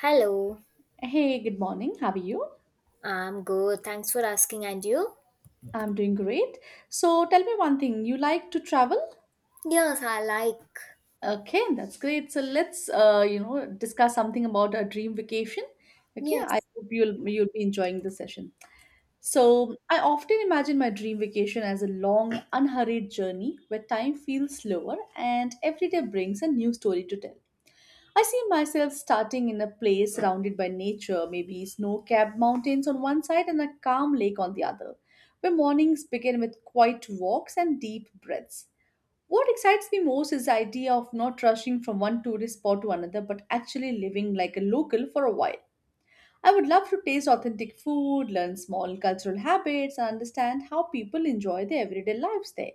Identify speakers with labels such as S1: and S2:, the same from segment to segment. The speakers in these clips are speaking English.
S1: Hello,
S2: Hey, good morning. How are you?
S1: I'm good. Thanks for asking. And you?
S2: I'm doing great. So tell me one thing. You like to travel?
S1: Yes, I like.
S2: Okay, that's great. So let's discuss something about a dream vacation. Okay, I
S1: Yes.
S2: hope you'll be enjoying the session. So I often imagine my dream vacation as a long, unhurried journey where time feels slower and every day brings a new story to tell. I see myself starting in a place surrounded by nature, maybe snow capped mountains on one side and a calm lake on the other, where mornings begin with quiet walks and deep breaths. What excites me most is the idea of not rushing from one tourist spot to another but actually living like a local for a while. I would love to taste authentic food, learn small cultural habits, and understand how people enjoy their everyday lives there.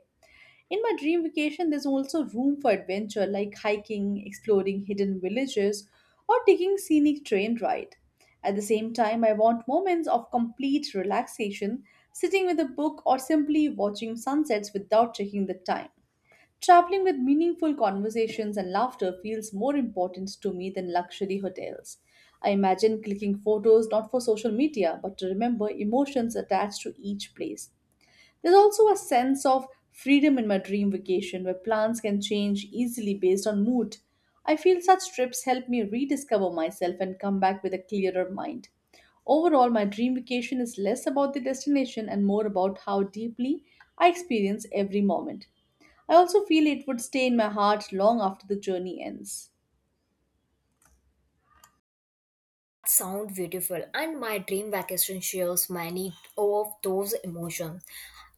S2: In my dream vacation, there's also room for adventure like hiking, exploring hidden villages, or taking scenic train ride. At the same time, I want moments of complete relaxation, sitting with a book or simply watching sunsets without checking the time. Traveling with meaningful conversations and laughter feels more important to me than luxury hotels. I imagine clicking photos not for social media but to remember emotions attached to each place. There's also a sense of freedom in my dream vacation where plans can change easily based on mood. I feel such trips help me rediscover myself and come back with a clearer mind. Overall, my dream vacation is less about the destination and more about how deeply I experience every moment. I also feel it would stay in my heart long after the journey ends.
S1: Sound beautiful, and my dream vacation shares many of those emotions,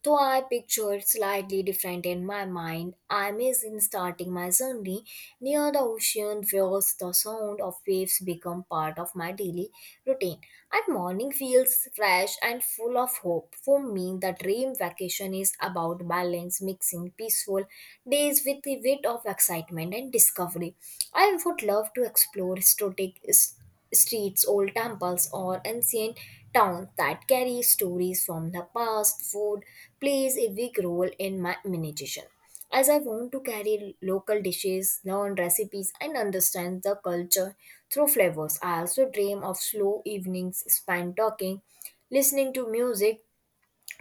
S1: though I picture it slightly different in my mind. I miss in starting my journey near the ocean where the sound of waves become part of my daily routine, and morning feels fresh and full of hope. For me, the dream vacation is about balance, mixing peaceful days with a bit of excitement and discovery. I would love to explore historic streets, old temples, or ancient towns that carry stories from the past. Food plays a big role in my meditation. As I want to carry local dishes, learn recipes, and understand the culture through flavors, I also dream of slow evenings spent talking, listening to music,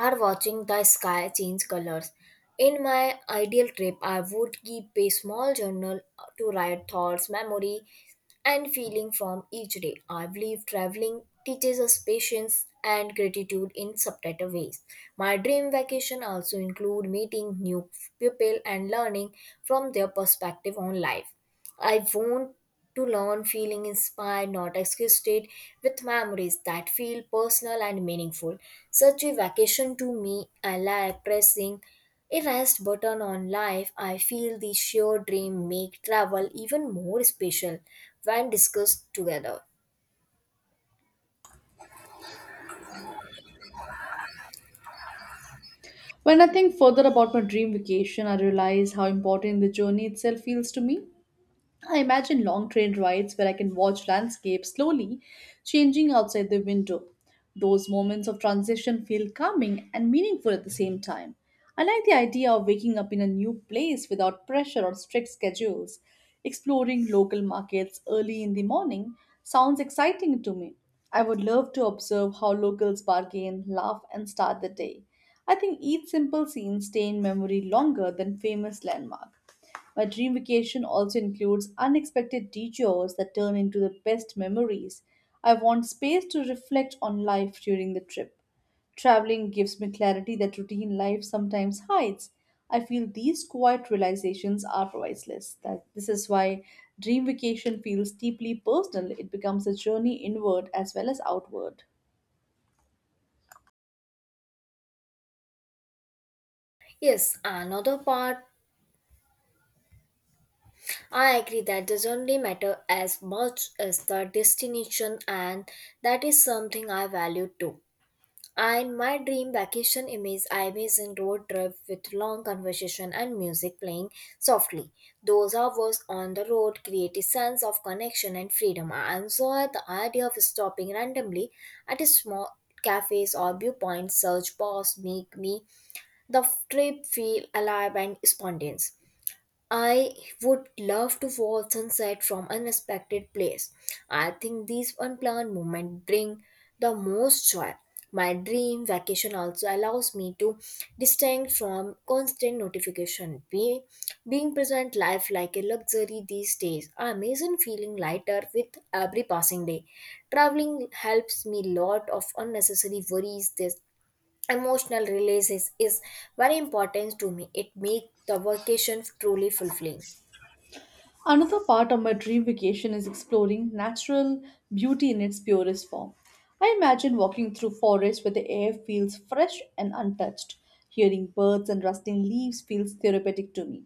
S1: or watching the sky change colors. In my ideal trip, I would keep a small journal to write thoughts, memory and feeling from each day. I believe traveling teaches us patience and gratitude in subtitle ways. My dream vacation also include meeting new people and learning from their perspective on life. I want to learn feeling inspired, not exhausted, with memories that feel personal and meaningful. Such a vacation to me, I like pressing if asked button on life. I feel the shared dream make travel even more special when discussed together.
S2: When I think further about my dream vacation, I realize how important the journey itself feels to me. I imagine long train rides where I can watch landscapes slowly changing outside the window. Those moments of transition feel calming and meaningful at the same time. I like the idea of waking up in a new place without pressure or strict schedules. Exploring local markets early in the morning sounds exciting to me. I would love to observe how locals bargain, laugh, and start the day. I think each simple scene stays in memory longer than famous landmark. My dream vacation also includes unexpected detours that turn into the best memories. I want space to reflect on life during the trip. Traveling gives me clarity that routine life sometimes hides. I feel these quiet realizations are priceless. That this is why dream vacation feels deeply personal. It becomes a journey inward as well as outward.
S1: Yes, another part I agree that doesn't really matter as much as the destination, and that is something I value too. And my dream vacation image I imagine road trip with long conversation and music playing softly. Those hours on the road create a sense of connection and freedom. I enjoy the idea of stopping randomly at a small cafes or viewpoints search bars make me the trip feel alive and spontaneous. I would love to watch sunset from unexpected place. I think these unplanned moments bring the most joy. My dream vacation also allows me to distinct from constant notification. Being present life like a luxury these days. I'm amazing feeling lighter with every passing day. Traveling helps me lot of unnecessary worries. This emotional releases is very important to me. It makes the vacation truly fulfilling.
S2: Another part of my dream vacation is exploring natural beauty in its purest form. I imagine walking through forests where the air feels fresh and untouched. Hearing birds and rustling leaves feels therapeutic to me.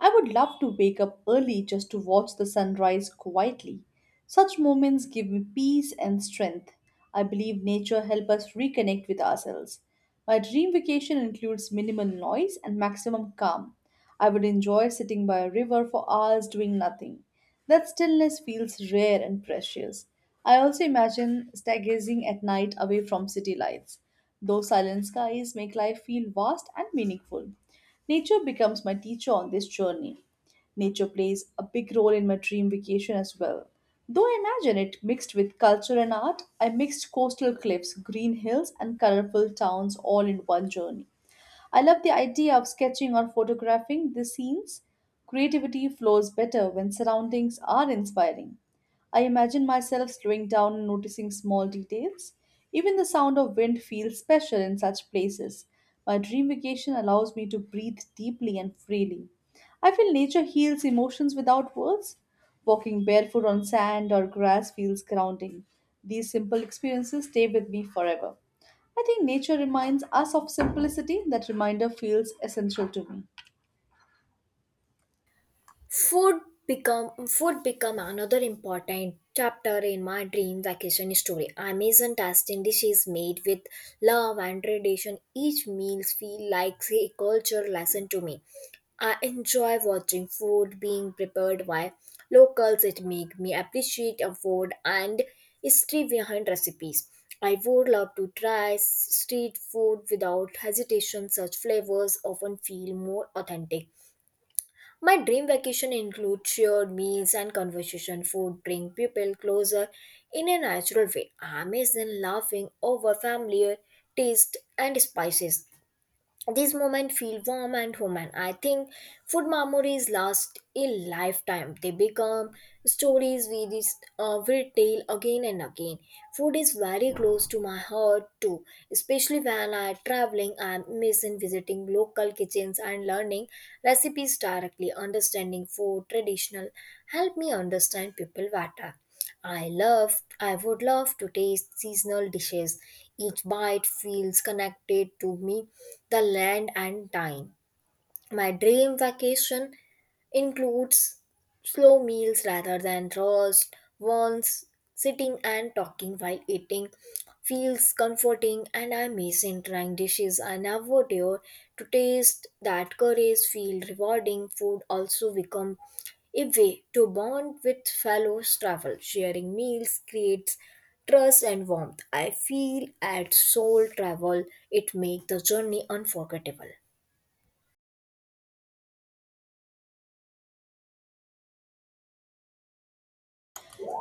S2: I would love to wake up early just to watch the sunrise quietly. Such moments give me peace and strength. I believe nature helps us reconnect with ourselves. My dream vacation includes minimal noise and maximum calm. I would enjoy sitting by a river for hours doing nothing. That stillness feels rare and precious. I also imagine stargazing at night away from city lights. Those silent skies make life feel vast and meaningful. Nature becomes my teacher on this journey. Nature plays a big role in my dream vacation as well. Though I imagine it mixed with culture and art, I mixed coastal cliffs, green hills, and colorful towns all in one journey. I love the idea of sketching or photographing the scenes. Creativity flows better when surroundings are inspiring. I imagine myself slowing down and noticing small details. Even the sound of wind feels special in such places. My dream vacation allows me to breathe deeply and freely. I feel nature heals emotions without words. Walking barefoot on sand or grass feels grounding. These simple experiences stay with me forever. I think nature reminds us of simplicity. That reminder feels essential to me.
S1: Food food become another important chapter in my dream vacation story. Amazon tasting dishes made with love and tradition. Each meal feel like a culture lesson to me. I enjoy watching food being prepared by locals. It make me appreciate a food and history behind recipes. I would love to try street food without hesitation. Such flavors often feel more authentic. My dream vacation includes shared meals and conversation. Food bring people closer in a natural way. I am in laughing over familiar taste and spices. These moments feel warm and human. I think food memories last a lifetime. They become stories will tell again and again. Food is very close to my heart too, especially when I'm traveling. I'm missing visiting local kitchens and learning recipes directly. Understanding food traditional help me understand people better. I would love to taste seasonal dishes. Each bite feels connected to me, the land and time. My dream vacation includes slow meals rather than rushed ones. Sitting and talking while eating feels comforting, and I miss in trying dishes I never dare to taste. That courage feel rewarding. Food also become a way to bond with fellow travel. Sharing meals creates trust and warmth. I feel at soul travel it makes the journey unforgettable.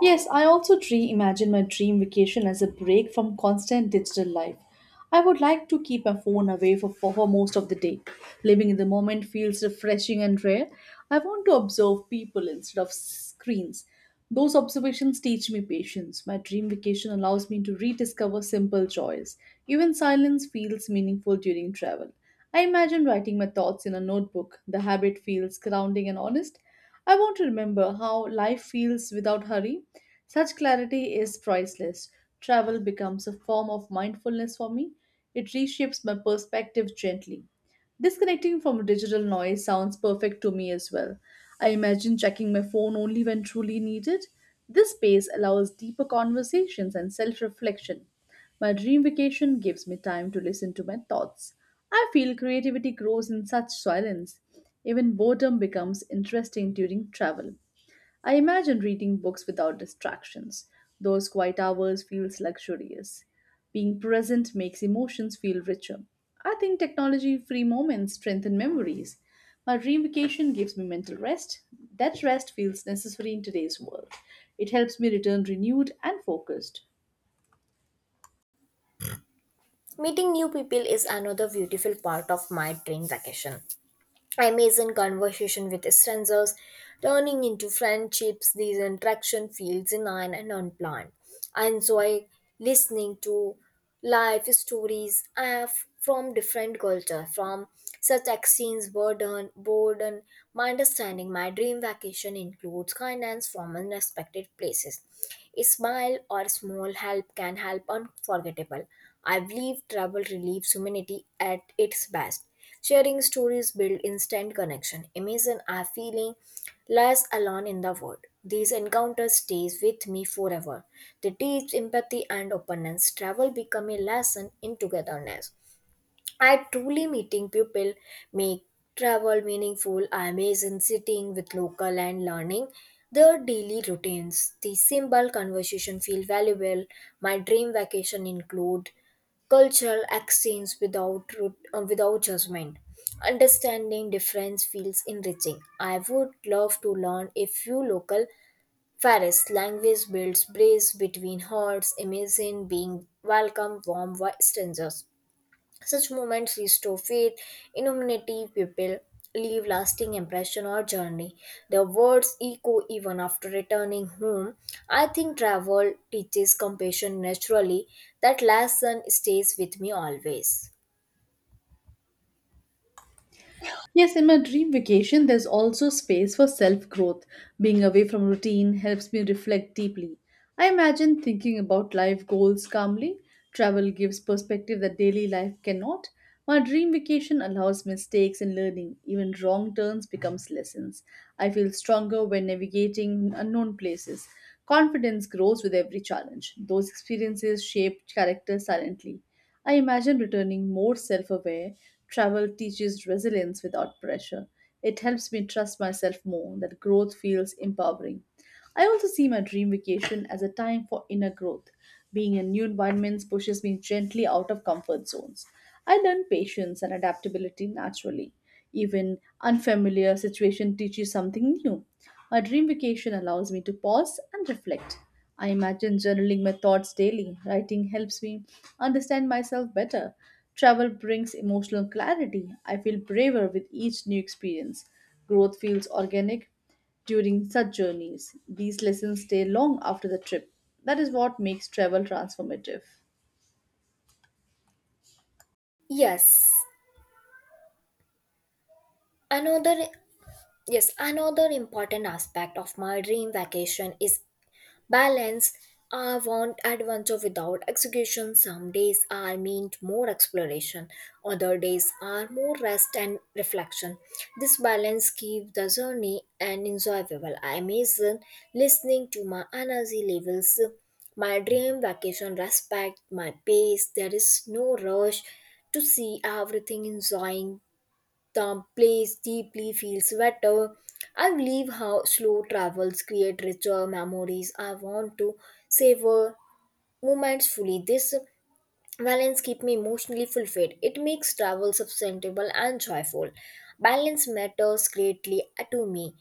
S2: Yes, I also reimagine my dream vacation as a break from constant digital life. I would like to keep my phone away for most of the day. Living in the moment feels refreshing and rare. I want to observe people instead of screens. Those observations teach me patience. My dream vacation allows me to rediscover simple joys. Even silence feels meaningful during travel. I imagine writing my thoughts in a notebook. The habit feels grounding and honest. I want to remember how life feels without hurry. Such clarity is priceless. Travel becomes a form of mindfulness for me. It reshapes my perspective gently. Disconnecting from digital noise sounds perfect to me as well. I imagine checking my phone only when truly needed. This space allows deeper conversations and self reflection. My dream vacation gives me time to listen to my thoughts. I feel creativity grows in such silence. Even boredom becomes interesting during travel. I imagine reading books without distractions. Those quiet hours feels luxurious. Being present makes emotions feel richer. I think technology-free moments strengthen memories. My dream vacation gives me mental rest. That rest feels necessary in today's world. It helps me return renewed and focused.
S1: Meeting new people is another beautiful part of my dream vacation. Amazing conversation with strangers, turning into friendships. These interaction feels genuine and unplanned. I enjoy listening to life stories from different culture. From such exchange, burden, my understanding. My dream vacation includes kindness from unexpected places. A smile or small help can help unforgettable. I believe travel relieves humanity at its best. Sharing stories build instant connection. Imagine I feeling less alone in the world. These encounters stays with me forever. They teach empathy and openness. Travel become a lesson in togetherness. I truly meeting people make travel meaningful. I imagine sitting with local and learning their daily routines. The simple conversation feel valuable. My dream vacation include cultural exchange without judgment. Understanding difference feels enriching. I would love to learn a few local Ferris language builds bridge between hearts. Imagine being welcome warm by strangers. Such moments restore faith in humanity. People leave lasting impression or journey. Their words echo even after returning home. I think travel teaches compassion naturally. That lesson stays with me always.
S2: Yes, in my dream vacation, there's also space for self growth. Being away from routine helps me reflect deeply. I imagine thinking about life goals calmly. Travel gives perspective that daily life cannot. My dream vacation allows mistakes and learning. Even wrong turns becomes lessons. I feel stronger when navigating unknown places. Confidence grows with every challenge. Those experiences shape character silently. I imagine returning more self aware. Travel teaches resilience without pressure. It helps me trust myself more, that growth feels empowering. I also see my dream vacation as a time for inner growth. Being in new environments pushes me gently out of comfort zones. I learn patience and adaptability naturally. Even unfamiliar situation teaches something new. My dream vacation allows me to pause and reflect. I imagine journaling my thoughts daily. Writing helps me understand myself better. Travel brings emotional clarity. I feel braver with each new experience. Growth feels organic during such journeys. These lessons stay long after the trip. That is what makes travel transformative.
S1: Yes, another yes another important aspect of my dream vacation is balance. I want adventure without execution. Some days I meant more exploration, other days are more rest and reflection. This balance keeps the journey and enjoyable. I imagine listening to my energy levels. My dream vacation respect my pace. There is no rush to see everything. Enjoying the place deeply feels better. I believe how slow travels create richer memories. I want to savor moments fully. This balance keeps me emotionally fulfilled. It makes travel sustainable and joyful. Balance matters greatly to me.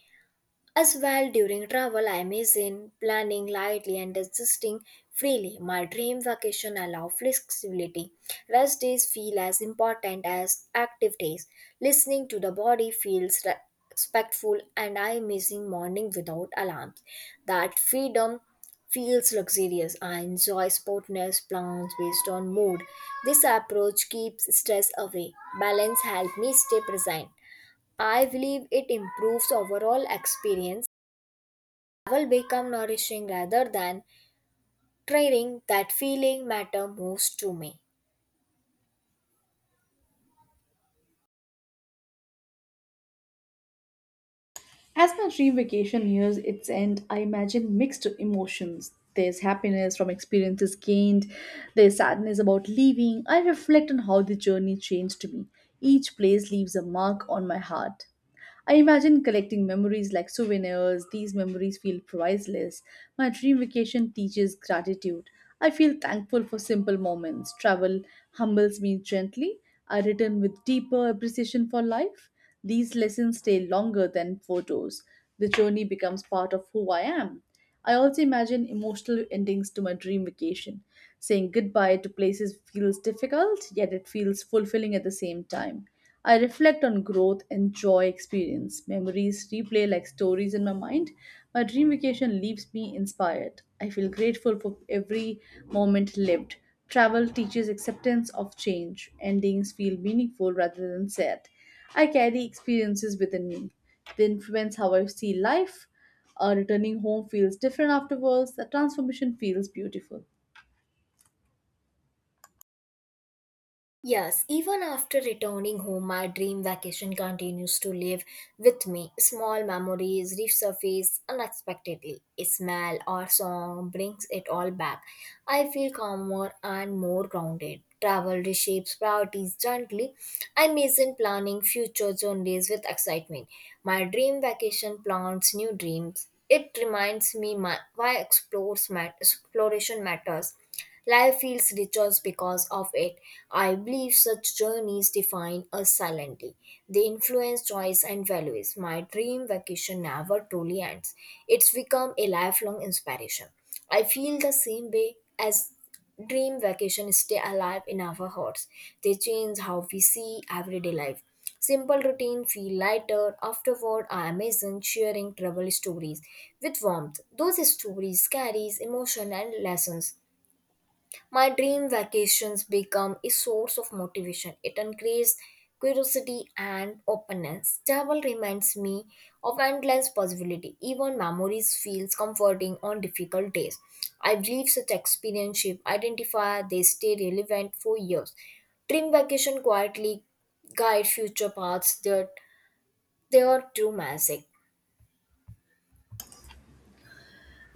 S1: As well, during travel, I imagine planning lightly and adjusting freely. My dream vacation allow flexibility. Rest days feel as important as active days. Listening to the body feels respectful, and I missing morning without alarms. That freedom feels luxurious. I enjoy spontaneous plans based on mood. This approach keeps stress away. Balance helps me stay present. I believe it improves overall experience will become nourishing rather than tiring. That feeling matter most to me.
S2: As my dream vacation nears its end, I imagine mixed emotions. There's happiness from experiences gained, there's sadness about leaving. I reflect on how the journey changed me. Each place leaves a mark on my heart. I imagine collecting memories like souvenirs. These memories feel priceless. My dream vacation teaches gratitude. I feel thankful for simple moments. Travel humbles me gently. I return with deeper appreciation for life. These lessons stay longer than photos. The journey becomes part of who I am. I also imagine emotional endings to my dream vacation. Saying goodbye to places feels difficult, yet it feels fulfilling at the same time. I reflect on growth and joy experience. Memories replay like stories in my mind. My dream vacation leaves me inspired. I feel grateful for every moment lived. Travel teaches acceptance of change. Endings feel meaningful rather than sad. I carry experiences within me. They influence how I see life. Returning home feels different afterwards. The transformation feels beautiful.
S1: Yes, even after returning home, my dream vacation continues to live with me. Small memories resurface unexpectedly. A smell or song brings it all back. I feel calmer and more grounded. Travel reshapes priorities gently. I imagine planning future journeys with excitement. My dream vacation plants new dreams. It reminds me why exploration matters. Life feels richer because of it. I believe such journeys define us silently. They influence choice and values. My dream vacation never truly ends. It's become a lifelong inspiration. I feel the same way as dream vacation stay alive in our hearts. They change how we see everyday life. Simple routine feel lighter. Afterward, are amazing sharing travel stories with warmth. Those stories carries emotion and lessons. My dream vacations become a source of motivation. It increases curiosity and openness. Travel reminds me of endless possibility. Even memories feels comforting on difficult days. I believe such experience shape identify. They stay relevant for years. Dream vacation quietly guide future paths that they are true magic.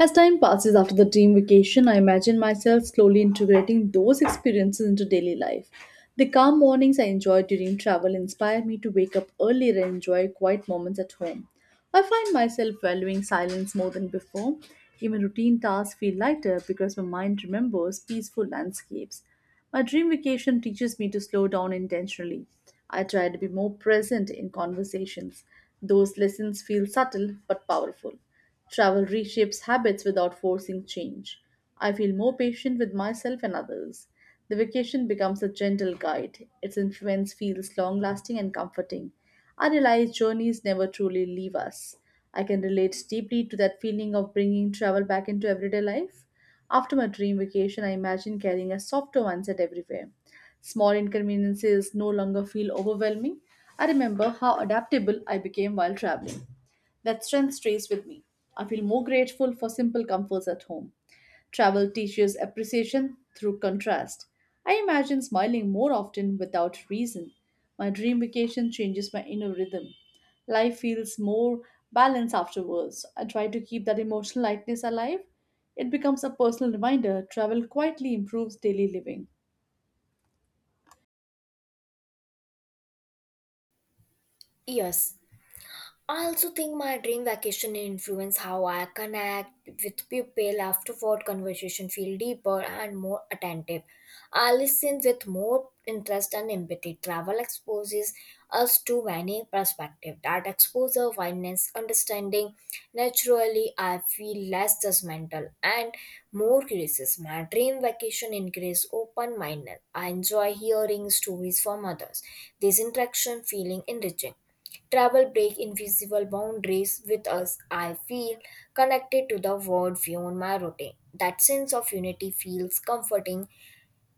S2: As time passes after the team vacation, I imagine myself slowly integrating those experiences into daily life. The calm mornings I enjoy during travel inspire me to wake up earlier and enjoy quiet moments at home. I find myself valuing silence more than before. Even routine tasks feel lighter because my mind remembers peaceful landscapes. My dream vacation teaches me to slow down intentionally. I try to be more present in conversations. Those lessons feel subtle but powerful. Travel reshapes habits without forcing change. I feel more patient with myself and others. The vacation becomes a gentle guide. Its influence feels long lasting and comforting. I realize journeys never truly leave us. I can relate deeply to that feeling of bringing travel back into everyday life. After my dream vacation, I imagine carrying a softer mindset everywhere. Small inconveniences no longer feel overwhelming. I remember how adaptable I became while traveling. That strength stays with me. I feel more grateful for simple comforts at home. Travel teaches appreciation through contrast. I imagine smiling more often without reason. My dream vacation changes my inner rhythm. Life feels more balanced afterwards. I try to keep that emotional lightness alive. It becomes a personal reminder travel quietly improves daily living.
S1: Yes. I also think my dream vacation influence how I connect with people afterward. Conversation feel deeper and more attentive. I listen with more interest and empathy. Travel exposes us to many perspectives. That exposure widens understanding. Naturally, I feel less judgmental and more curious. My dream vacation increase open-minded. I enjoy hearing stories from others. This interaction feeling enriching. Travel break invisible boundaries with us. I feel connected to the world beyond my routine. That sense of unity feels comforting.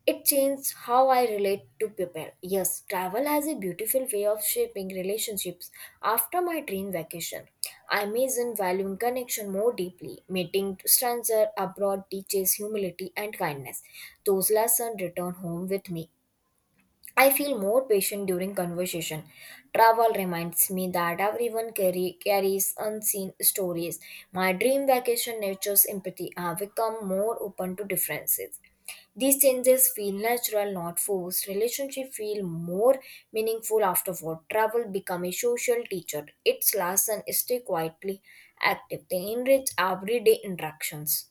S1: It changed how I relate to people. Yes, travel has a beautiful way of shaping relationships. After my dream vacation, I imagine valuing connection more deeply. Meeting stranger abroad teaches humility and kindness. Those lessons return home with me. I feel more patient during conversation. Travel reminds me that everyone carries unseen stories. My dream vacation nature's empathy. I become more open to differences. These changes feel natural, not forced. Relationship feel more meaningful afterward. Travel become a social teacher. Its lesson stay quietly active. They enrich everyday interactions.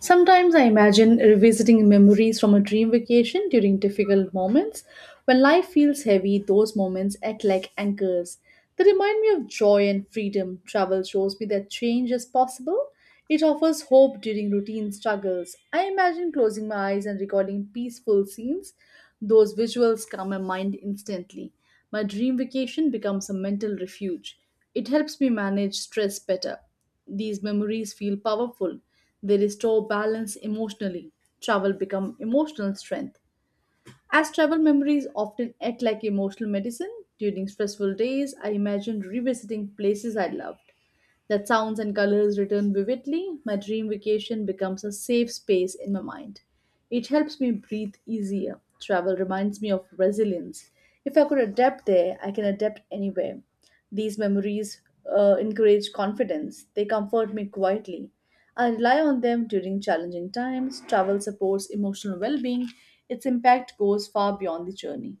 S2: Sometimes I imagine revisiting memories from a dream vacation during difficult moments. When life feels heavy, those moments act like anchors. They remind me of joy and freedom. Travel shows me that change is possible. It offers hope during routine struggles. I imagine closing my eyes and recording peaceful scenes. Those visuals calm my mind instantly. My dream vacation becomes a mental refuge. It helps me manage stress better. These memories feel powerful. They restore balance emotionally. Travel become emotional strength. As travel memories often act like emotional medicine, during stressful days, I imagine revisiting places I loved that sounds and colors return vividly, my dream vacation becomes a safe space in my mind. It helps me breathe easier. Travel reminds me of resilience. If I could adapt there, I can adapt anywhere. These memories encourage confidence, they comfort me quietly. I rely on them during challenging times. Travel supports emotional well being, its impact goes far beyond the journey.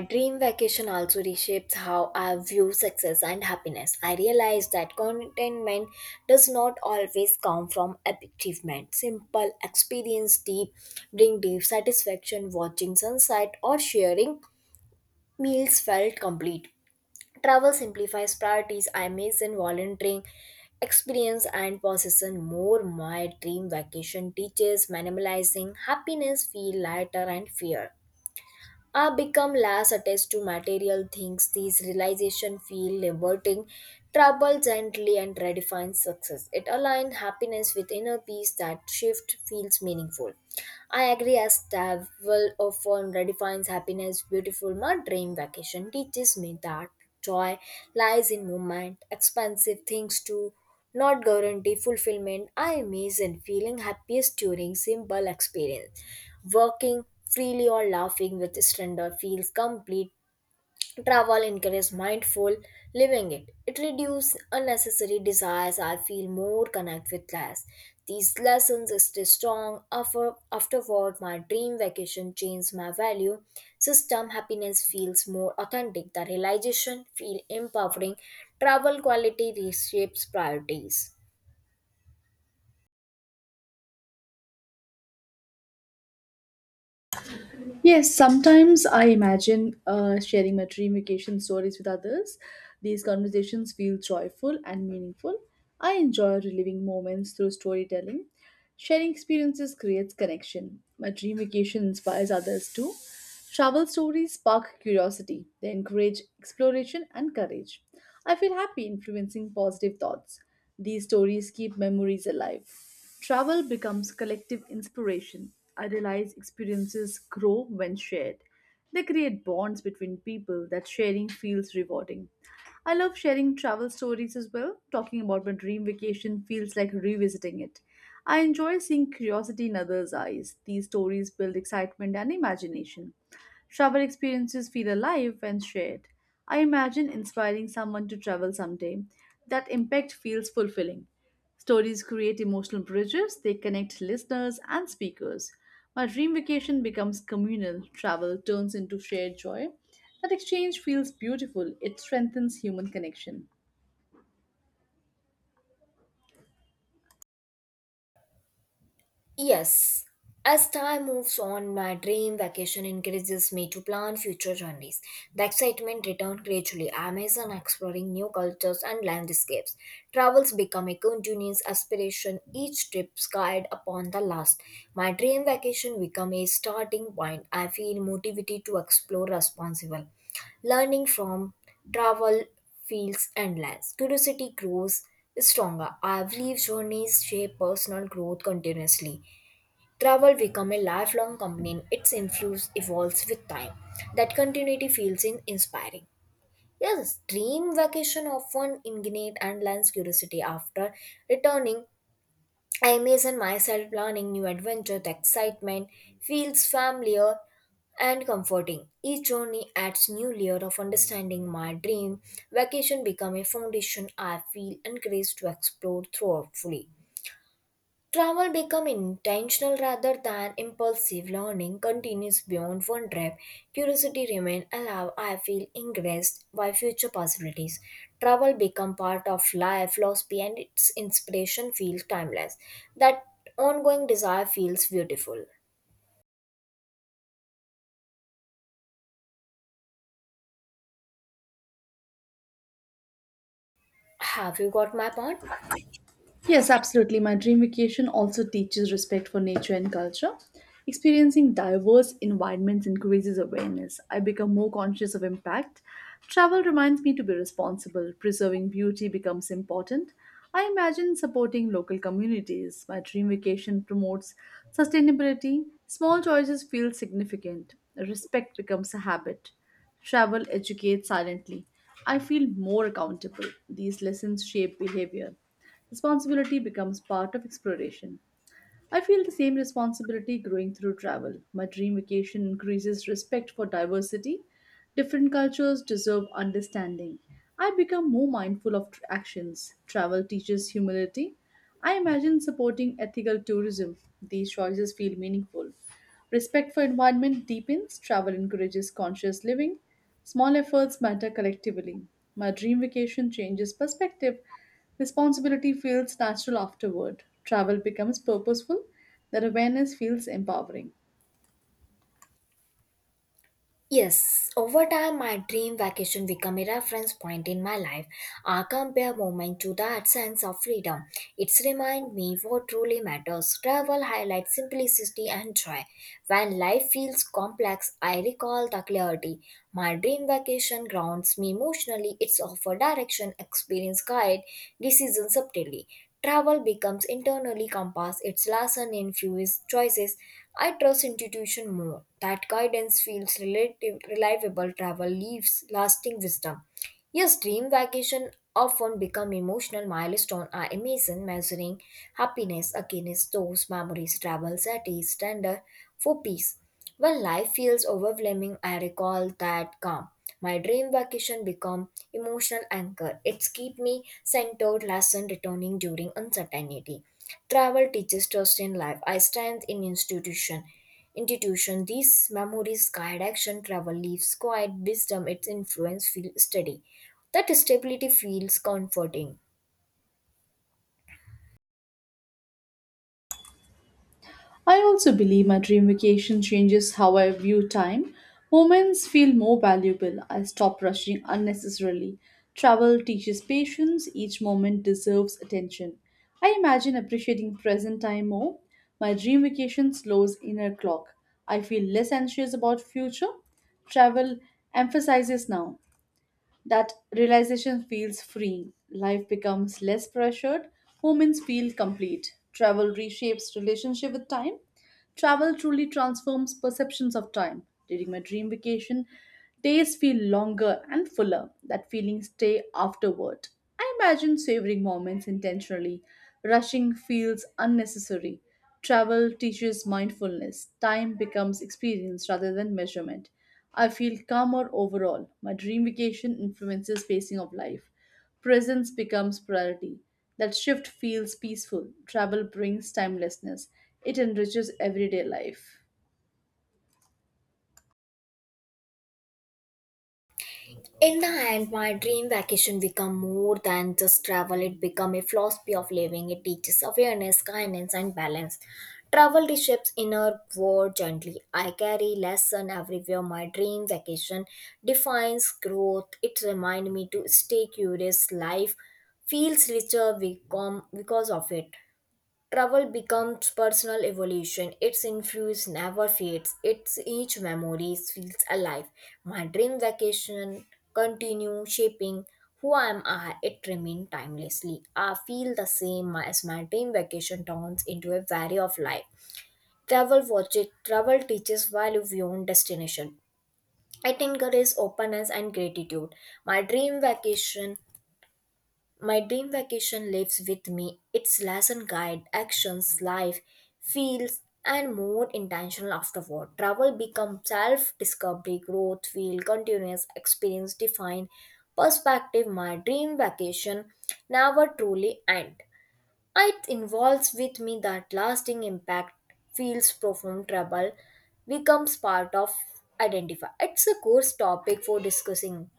S1: My dream vacation also reshapes how I view success and happiness. I realize that contentment does not always come from achievement. Simple experience deep bring deep satisfaction. Watching sunset or sharing meals felt complete. Travel simplifies priorities. I miss in volunteering experience and possession more. My dream vacation teaches minimalizing happiness, feel lighter and fear. I become less attached to material things. These realization feel liberating. Travel gently and redefines success. It aligns happiness with inner peace. That shift feels meaningful. I agree as travel often redefines happiness beautiful. My dream vacation teaches me that joy lies in movement, expensive things too. Not guarantee fulfillment. I imagine feeling happiest during simple experience. Working freely or laughing with stranger feels complete. Travel encourages mindful living it. It reduces unnecessary desires. I feel more connect with life. These lessons stay strong. Afterward, my dream vacation changed my value. System happiness feels more authentic. The realization feel empowering. Travel quality reshapes priorities.
S2: Yes, sometimes I imagine sharing my dream vacation stories with others. These conversations feel joyful and meaningful. I enjoy reliving moments through storytelling. Sharing experiences creates connection. My dream vacation inspires others too. Travel stories spark curiosity, they encourage exploration and courage. I feel happy influencing positive thoughts. These stories keep memories alive. Travel becomes collective inspiration. I realize experiences grow when shared. They create bonds between people that sharing feels rewarding. I love sharing travel stories as well. Talking about my dream vacation feels like revisiting it. I enjoy seeing curiosity in others' eyes. These stories build excitement and imagination. Travel experiences feel alive when shared. I imagine inspiring someone to travel someday. That impact feels fulfilling. Stories create emotional bridges, they connect listeners and speakers. My dream vacation becomes communal, travel turns into shared joy. That exchange feels beautiful, it strengthens human connection.
S1: Yes. As time moves on, my dream vacation encourages me to plan future journeys. The excitement returns gradually. I amazon exploring new cultures and landscapes. Travels become a continuous aspiration, each trip guide upon the last. My dream vacation become a starting point. I feel motivated to explore responsible. Learning from travel feels endless. Curiosity grows stronger. I believe journeys shape personal growth continuously. Travel becomes a lifelong companion. Its influence evolves with time. That continuity feels inspiring. Yes, dream vacation often ignite and lands curiosity after returning. I imagine myself planning new adventure. The excitement feels familiar and comforting. Each journey adds new layer of understanding my dream. Vacation become a foundation. I feel encouraged to explore thoroughly. Travel become intentional rather than impulsive. Learning continues beyond one trip. Curiosity remain alive. I feel engrossed by future possibilities. Travel become part of life philosophy, and its inspiration feels timeless. That ongoing desire feels beautiful. Have you got my point?
S2: Yes, absolutely. My dream vacation also teaches respect for nature and culture. Experiencing diverse environments increases awareness. I become more conscious of impact. Travel reminds me to be responsible. Preserving beauty becomes important. I imagine supporting local communities. My dream vacation promotes sustainability. Small choices feel significant. Respect becomes a habit. Travel educates silently. I feel more accountable. These lessons shape behavior. Responsibility becomes part of exploration. I feel the same responsibility growing through travel. My dream vacation increases respect for diversity. Different cultures deserve understanding. I become more mindful of actions. Travel teaches humility. I imagine supporting ethical tourism. These choices feel meaningful. Respect for environment deepens, travel encourages conscious living, small efforts matter collectively. My dream vacation changes perspective, responsibility feels natural afterward, travel becomes purposeful, that awareness feels empowering.
S1: Yes, over time, my dream vacation became a reference point in my life. I compare moment to that sense of freedom. It's remind me what truly matters. Travel highlights simplicity and joy. When life feels complex, I recall the clarity. My dream vacation grounds me emotionally. It's offer direction, experience guide, decisions subtly. Travel becomes internally compass. Its lesson infuse choices. I trust institution more. That guidance feels relative, reliable travel leaves lasting wisdom. Yes, dream vacation often become emotional milestone. I imagine measuring happiness against those memories travel that is tender for peace. When life feels overwhelming, I recall that calm. My dream vacation become emotional anchor. It's keep me centered lesson returning during uncertainty. Travel teaches trust in life. I stand in institution. Institution. These memories guide action. Travel leaves quiet wisdom. Its influence feels steady. That stability feels comforting.
S2: I also believe my dream vacation changes how I view time. Moments feel more valuable. I stop rushing unnecessarily. Travel teaches patience. Each moment deserves attention. I imagine appreciating present time more. My dream vacation slows inner clock. I feel less anxious about future. Travel emphasizes now. That realization feels freeing. Life becomes less pressured. Moments feel complete. Travel reshapes relationship with time. Travel truly transforms perceptions of time. During my dream vacation, days feel longer and fuller. That feeling stay afterward. I imagine savoring moments intentionally. Rushing feels unnecessary. Travel teaches mindfulness. Time becomes experience rather than measurement. I feel calmer overall. My dream vacation influences pacing of life. Presence becomes priority. That shift feels peaceful. Travel brings timelessness. It enriches everyday life.
S1: In the end, my dream vacation become more than just travel. It become a philosophy of living. It teaches awareness, kindness, and balance. Travel reshapes inner world gently. I carry lesson everywhere. My dream vacation defines growth. It reminds me to stay curious. Life feels richer become because of it. Travel becomes personal evolution. Its influence never fades. Its each memory feels alive. My dream vacation continue shaping who I am I. It remains timelessly. I feel the same as my dream vacation turns into a vary of life. Travel watches. Travel teaches value beyond destination. It encourages openness and gratitude. My dream vacation my dream vacation lives with me. Its lesson guide actions, life, feels, and more intentional afterward. Travel becomes self-discovery, growth, feel, continuous experience, define perspective. My dream vacation never truly end. It involves with me that lasting impact, feels profound trouble, becomes part of identify. It's a course topic for discussing.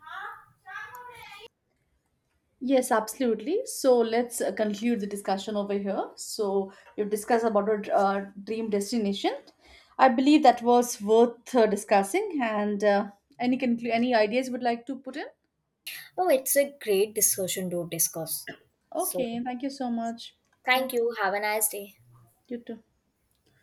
S2: Yes, absolutely. So let's conclude the discussion over here. So we've discussed about our dream destination. I believe that was worth discussing. And any ideas you would like to put in?
S1: Oh, it's a great discussion to discuss. So.
S2: Okay, thank you so much. Yeah,
S1: Thank you. Have a nice day.
S2: you too.